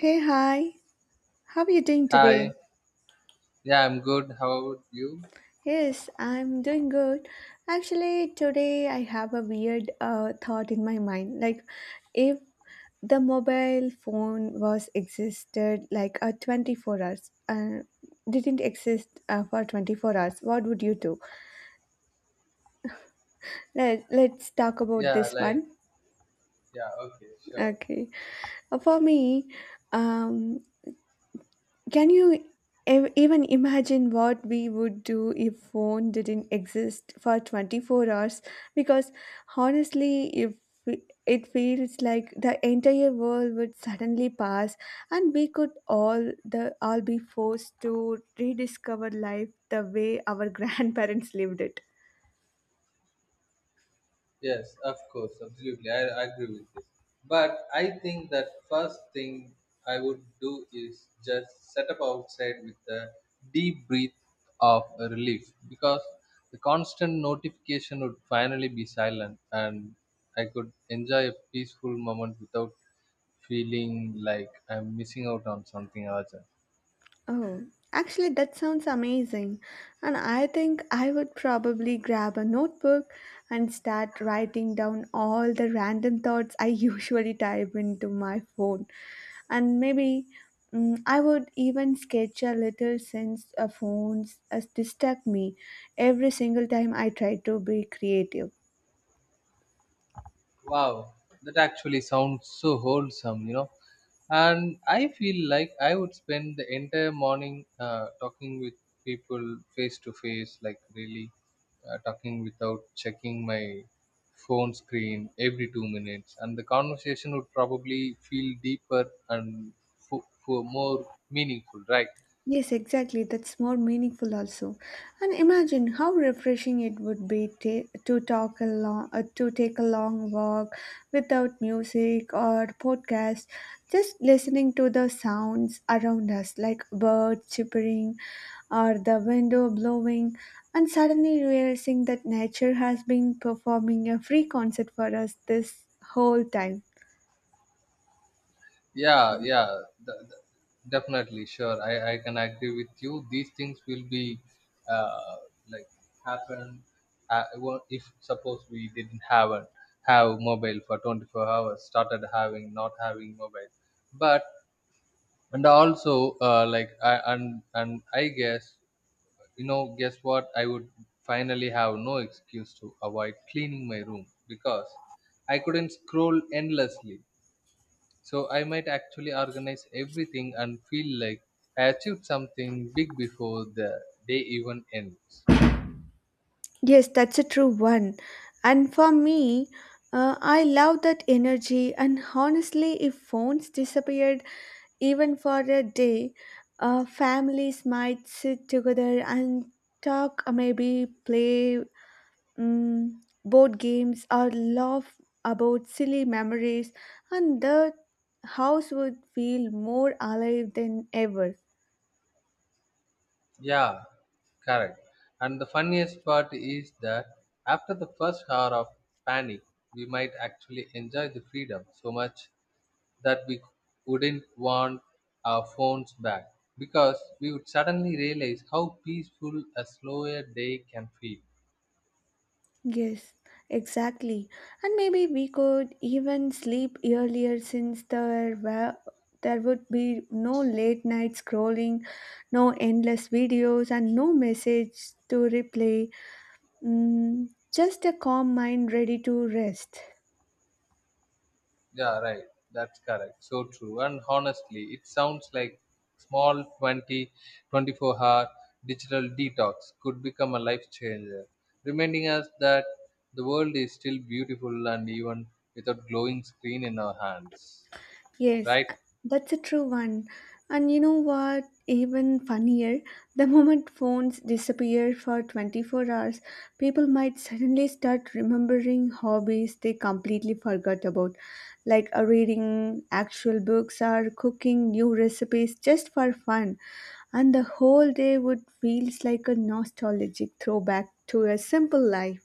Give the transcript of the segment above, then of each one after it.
Hey, hi. How are you doing Hi. today? Yeah, I'm good. How about you? Yes, I'm doing good. Actually, today I have a weird thought in my mind. If the mobile phone was existed like a 24 hours, didn't exist for 24 hours, what would you do? Let's talk about Yeah, this like, one. yeah, okay, sure. Okay. For me, um, can you even imagine what we would do if phone didn't exist for 24 hours? Because honestly, if we- it feels like the entire world would suddenly pass and we could the all be forced to rediscover life the way our grandparents lived it. Yes, of course, absolutely. I agree with this. But I think that first thing I would do is just set up outside with a deep breath of relief because the constant notification would finally be silent and I could enjoy a peaceful moment without feeling like I'm missing out on something urgent. Oh, actually, that sounds amazing. And I think I would probably grab a notebook and start writing down all the random thoughts I usually type into my phone. And maybe I would even sketch a little since phones distract me every single time I try to be creative. Wow, that actually sounds so wholesome, you know. And I feel like I would spend the entire morning talking with people face to face, like really talking without checking my phone screen every 2 minutes. And the conversation would probably feel deeper and more meaningful, right? Yes, exactly. That's more meaningful also. And imagine how refreshing it would be to talk along, to take a long walk without music or podcast, just listening to the sounds around us, like birds chirping or the window blowing, and suddenly realizing that nature has been performing a free concert for us this whole time. Yeah, yeah, th- th- definitely sure. I can agree with you these things will be, uh, like, happen, well, if suppose we didn't have mobile for 24 hours. Started having, not having mobile. But and also like I, and I guess, you know, guess what I would finally have no excuse to avoid cleaning my room because I couldn't scroll endlessly, so I might actually organize everything and feel like I achieved something big before the day even ends. Yes, that's a true one. And for me, I love that energy. And honestly, if phones disappeared even for a day, families might sit together and talk, maybe play board games or laugh about silly memories, and the house would feel more alive than ever. Yeah, correct. And the funniest part is that after the first hour of panic, we might actually enjoy the freedom so much that we wouldn't want our phones back because we would suddenly realize how peaceful a slower day can feel. Yes, exactly. And maybe we could even sleep earlier since there would be no late night scrolling, no endless videos and no message to replay. Mm, just a calm mind ready to rest. Yeah, right. That's correct. So true. And honestly, it sounds like small 24-hour digital detox could become a life changer, reminding us that the world is still beautiful and even without glowing screen in our hands, Yes, right? a- that's a true one. And you know what? Even funnier, the moment phones disappear for 24 hours, people might suddenly start remembering hobbies they completely forgot about, like reading actual books or cooking new recipes just for fun. And the whole day would feels like a nostalgic throwback to a simple life.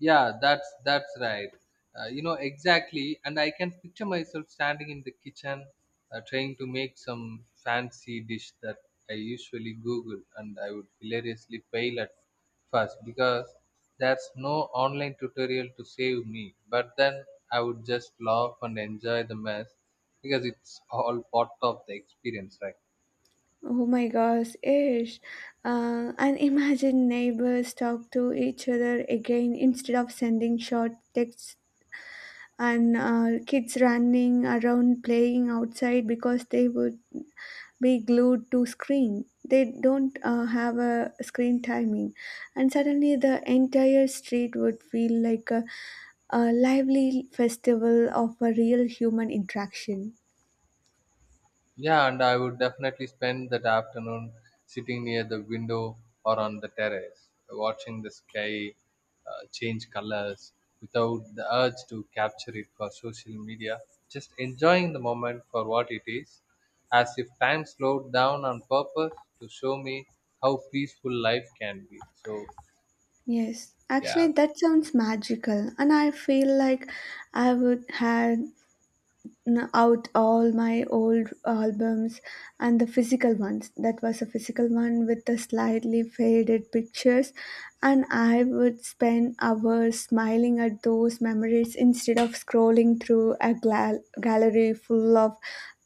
Yeah, that's right. You know, exactly. And I can picture myself standing in the kitchen, trying to make some fancy dish that I usually Google, and I would hilariously fail at first because there's no online tutorial to save me. But then I would just laugh and enjoy the mess because it's all part of the experience, right? Oh my gosh, Ish. And imagine neighbors talk to each other again instead of sending short texts and kids running around playing outside because they would be glued to screen. They don't have a screen timing. And suddenly the entire street would feel like a lively festival of a real human interaction. Yeah, and I would definitely spend that afternoon sitting near the window or on the terrace, watching the sky change colors without the urge to capture it for social media, just enjoying the moment for what it is, as if time slowed down on purpose to show me how peaceful life can be. So, Yes, yeah. actually, that sounds magical, and I feel like I would have out all my old albums and the physical ones. That was a physical one with the slightly faded pictures, and I would spend hours smiling at those memories instead of scrolling through a gallery full of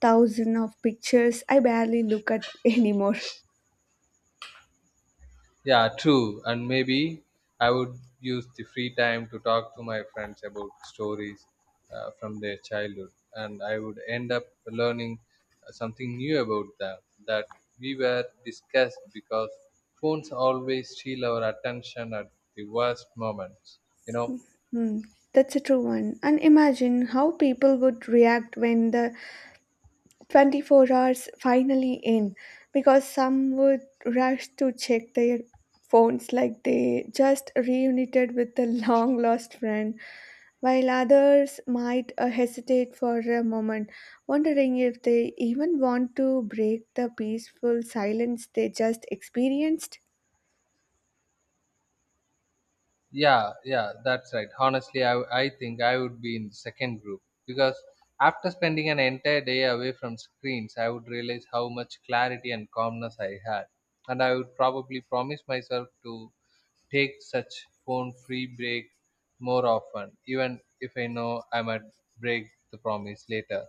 thousands of pictures I barely look at anymore. Yeah, true. And maybe I would use the free time to talk to my friends about stories from their childhood. And I would end up learning something new about them that we were discussed because phones always steal our attention at the worst moments. You know, Hmm, that's a true one. And imagine how people would react when the 24 hours finally in because some would rush to check their phones like they just reunited with a long lost friend while others might hesitate for a moment wondering if they even want to break the peaceful silence they just experienced. yeah, yeah, that's right. Honestly, I think I would be in the second group because after spending an entire day away from screens I would realize how much clarity and calmness I had, and I would probably promise myself to take such phone free break more often even if I know I might break the promise later.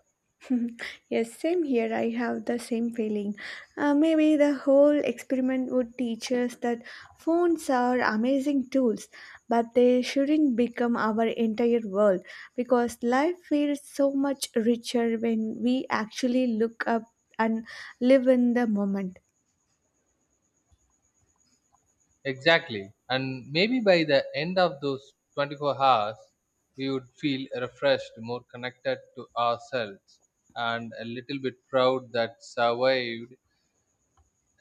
Yes, same here. I have the same feeling. Maybe the whole experiment would teach us that phones are amazing tools, but they shouldn't become our entire world because life feels so much richer when we actually look up and live in the moment. Exactly. And maybe by the end of those 24 hours, we would feel refreshed, more connected to ourselves, and a little bit proud that survived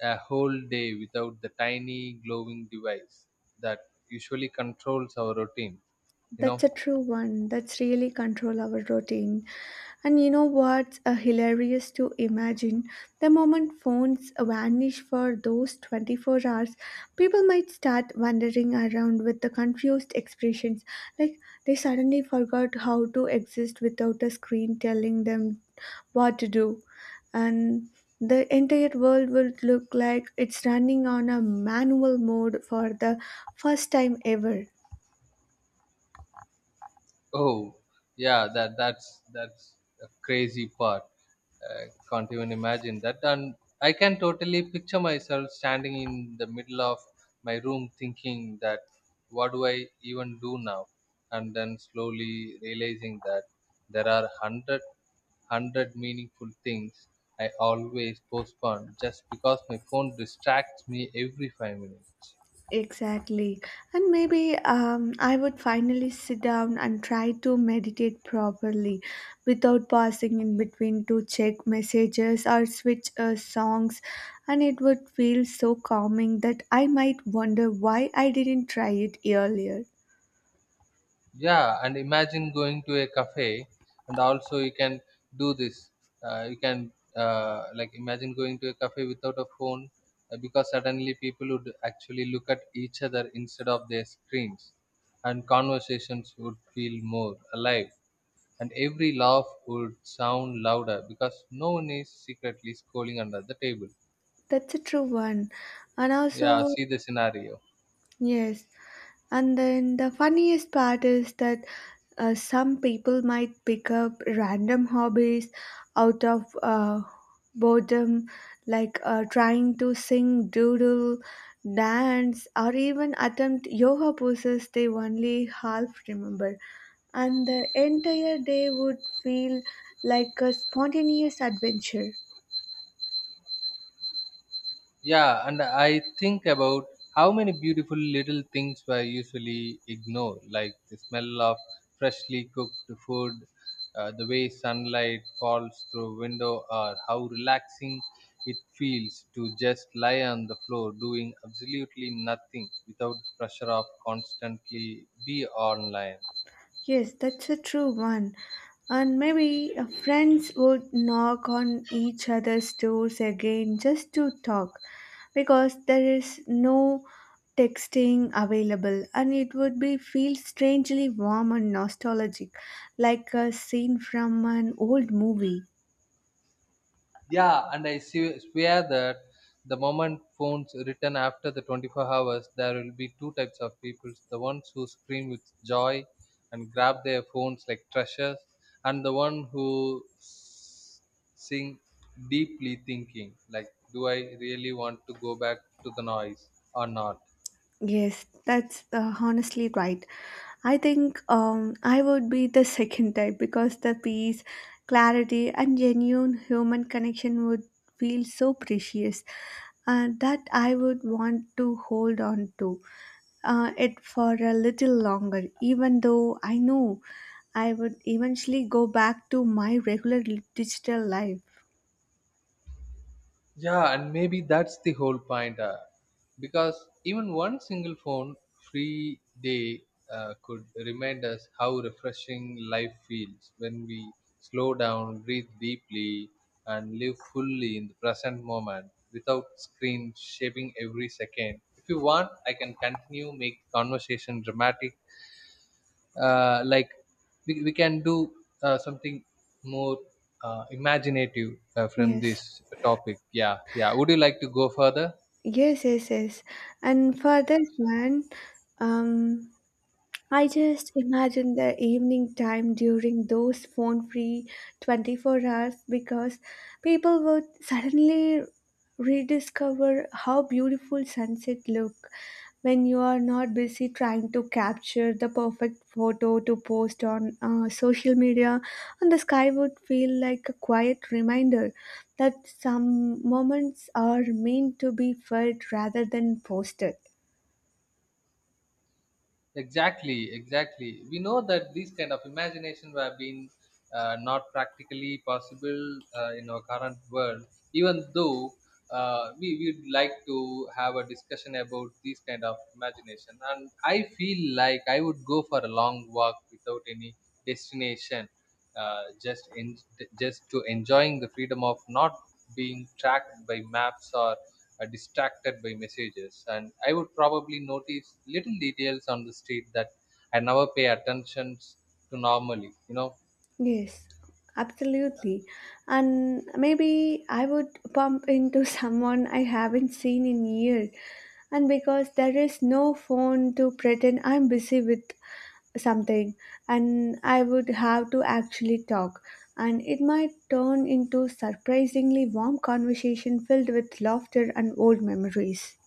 a whole day without the tiny glowing device that usually controls our routine, you That's a know? true one. That's really control our routine. And you know what's hilarious to imagine? The moment phones vanish for those 24 hours, people might start wandering around with the confused expressions. Like they suddenly forgot how to exist without a screen telling them what to do. And the entire world would look like it's running on a manual mode for the first time ever. Oh, yeah, that's a crazy part. I can't even imagine that. And I can totally picture myself standing in the middle of my room thinking that what do I even do now? And then slowly realizing that there are hundred meaningful things I always postpone just because my phone distracts me every 5 minutes. Exactly. And maybe I would finally sit down and try to meditate properly without pausing in between to check messages or switch songs. And it would feel so calming that I might wonder why I didn't try it earlier. Yeah, and imagine going to a cafe, and also you can do this. You can, like, imagine going to a cafe without a phone, because suddenly people would actually look at each other instead of their screens, and conversations would feel more alive, and every laugh would sound louder because no one is secretly scrolling under the table. That's a true one. And Yeah, also, see the scenario. yes. And then the funniest part is that some people might pick up random hobbies out of boredom, like trying to sing, doodle, dance, or even attempt yoga poses they only half remember. And the entire day would feel like a spontaneous adventure. Yeah, and I think about how many beautiful little things were usually ignored, like the smell of freshly cooked food, the way sunlight falls through window, or how relaxing it feels to just lie on the floor doing absolutely nothing without the pressure of constantly be online. Yes, that's a true one. And maybe friends would knock on each other's doors again just to talk because there is no texting available and it would be feel strangely warm and nostalgic like a scene from an old movie. Yeah, and I swear that the moment phones return after the 24 hours, there will be two types of people, the ones who scream with joy and grab their phones like treasures, and the one who sing deeply thinking, like, do I really want to go back to the noise or not? Yes, that's honestly right. I think I would be the second type because the peace, clarity, and genuine human connection would feel so precious that I would want to hold on to it for a little longer, even though I know I would eventually go back to my regular digital life. Yeah, and maybe that's the whole point. Because even one single phone free day could remind us how refreshing life feels when we slow down, breathe deeply, and live fully in the present moment without screen shaping every second. If you want, I can continue, make the conversation dramatic, like we can do something more imaginative from Yes, this topic. Yeah, yeah, would you like to go further? yes, yes, yes. And for Yeah, this one, um, I just imagine the evening time during those phone free 24 hours because people would suddenly rediscover how beautiful sunset look when you are not busy trying to capture the perfect photo to post on social media and the sky would feel like a quiet reminder that some moments are meant to be felt rather than posted. exactly, exactly, we know that these kind of imagination have been, not practically possible in our current world, even though, we would like to have a discussion about these kind of imagination. And I feel like I would go for a long walk without any destination, uh, just in just to enjoying the freedom of not being tracked by maps or distracted by messages. And I would probably notice little details on the street that I never pay attention to normally, you know. Yes, absolutely. And maybe I would bump into someone I haven't seen in years. And because there is no phone to pretend I'm busy with something, and I would have to actually talk. And it might turn into surprisingly warm conversation filled with laughter and old memories.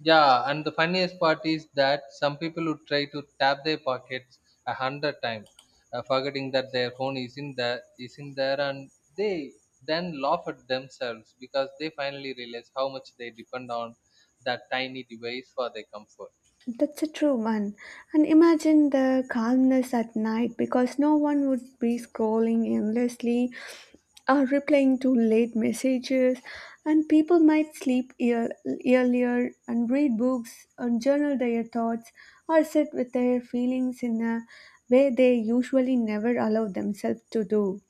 Yeah, and the funniest part is that some people would try to tap their pockets 100 times, forgetting that their phone is in there, and they then laugh at themselves because they finally realize how much they depend on that tiny device for their comfort. That's a true one. And imagine the calmness at night because no one would be scrolling endlessly or replying to late messages, and people might sleep earlier and read books and journal their thoughts or sit with their feelings in a way they usually never allow themselves to do.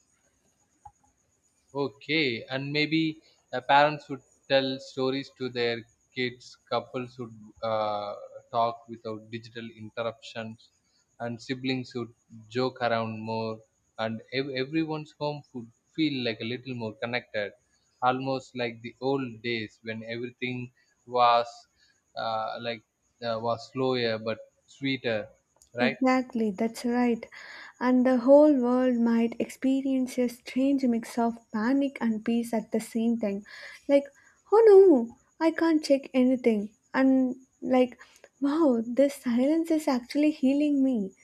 Okay, and maybe parents would tell stories to their kids. Couples would, uh, talk without digital interruptions, and siblings would joke around more. And everyone's home would feel like a little more connected, almost like the old days when everything was, like, was slower but sweeter, right? Exactly, that's right. And the whole world might experience a strange mix of panic and peace at the same time. Like, oh no, I can't check anything. And like, wow, this silence is actually healing me,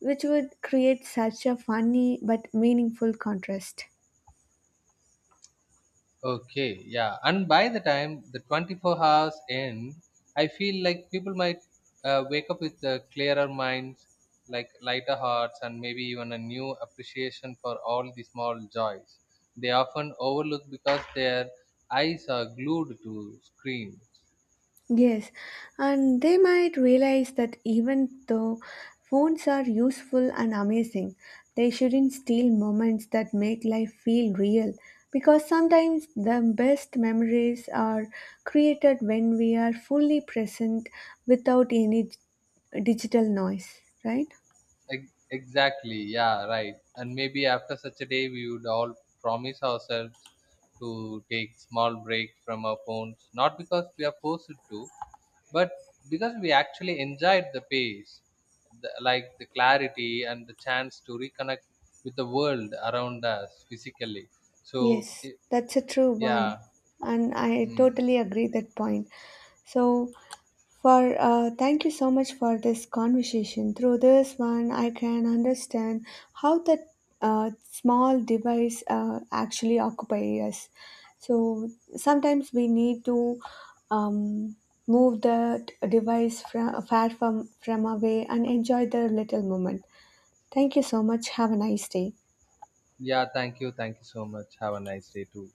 which would create such a funny but meaningful contrast. Okay, yeah. And by the time the 24 hours end, I feel like people might wake up with clearer minds, like lighter hearts, and maybe even a new appreciation for all the small joys they often overlook because their eyes are glued to screens. Yes, and they might realize that even though phones are useful and amazing, they shouldn't steal moments that make life feel real because sometimes the best memories are created when we are fully present without any digital noise, right? Ex- Exactly, yeah, right. And maybe after such a day, we would all promise ourselves to take small breaks from our phones, not because we are forced to but because we actually enjoyed the pace, like the clarity and the chance to reconnect with the world around us physically, so Yes, it, that's a true one, yeah. and I Mm, totally agree that point. So, for thank you so much for this conversation. Through this one, I can understand how that small device actually occupy us. So sometimes we need to um, move the device from far from away and enjoy the little moment. Thank you so much. Have a nice day. yeah, thank you, thank you so much. Have a nice day too.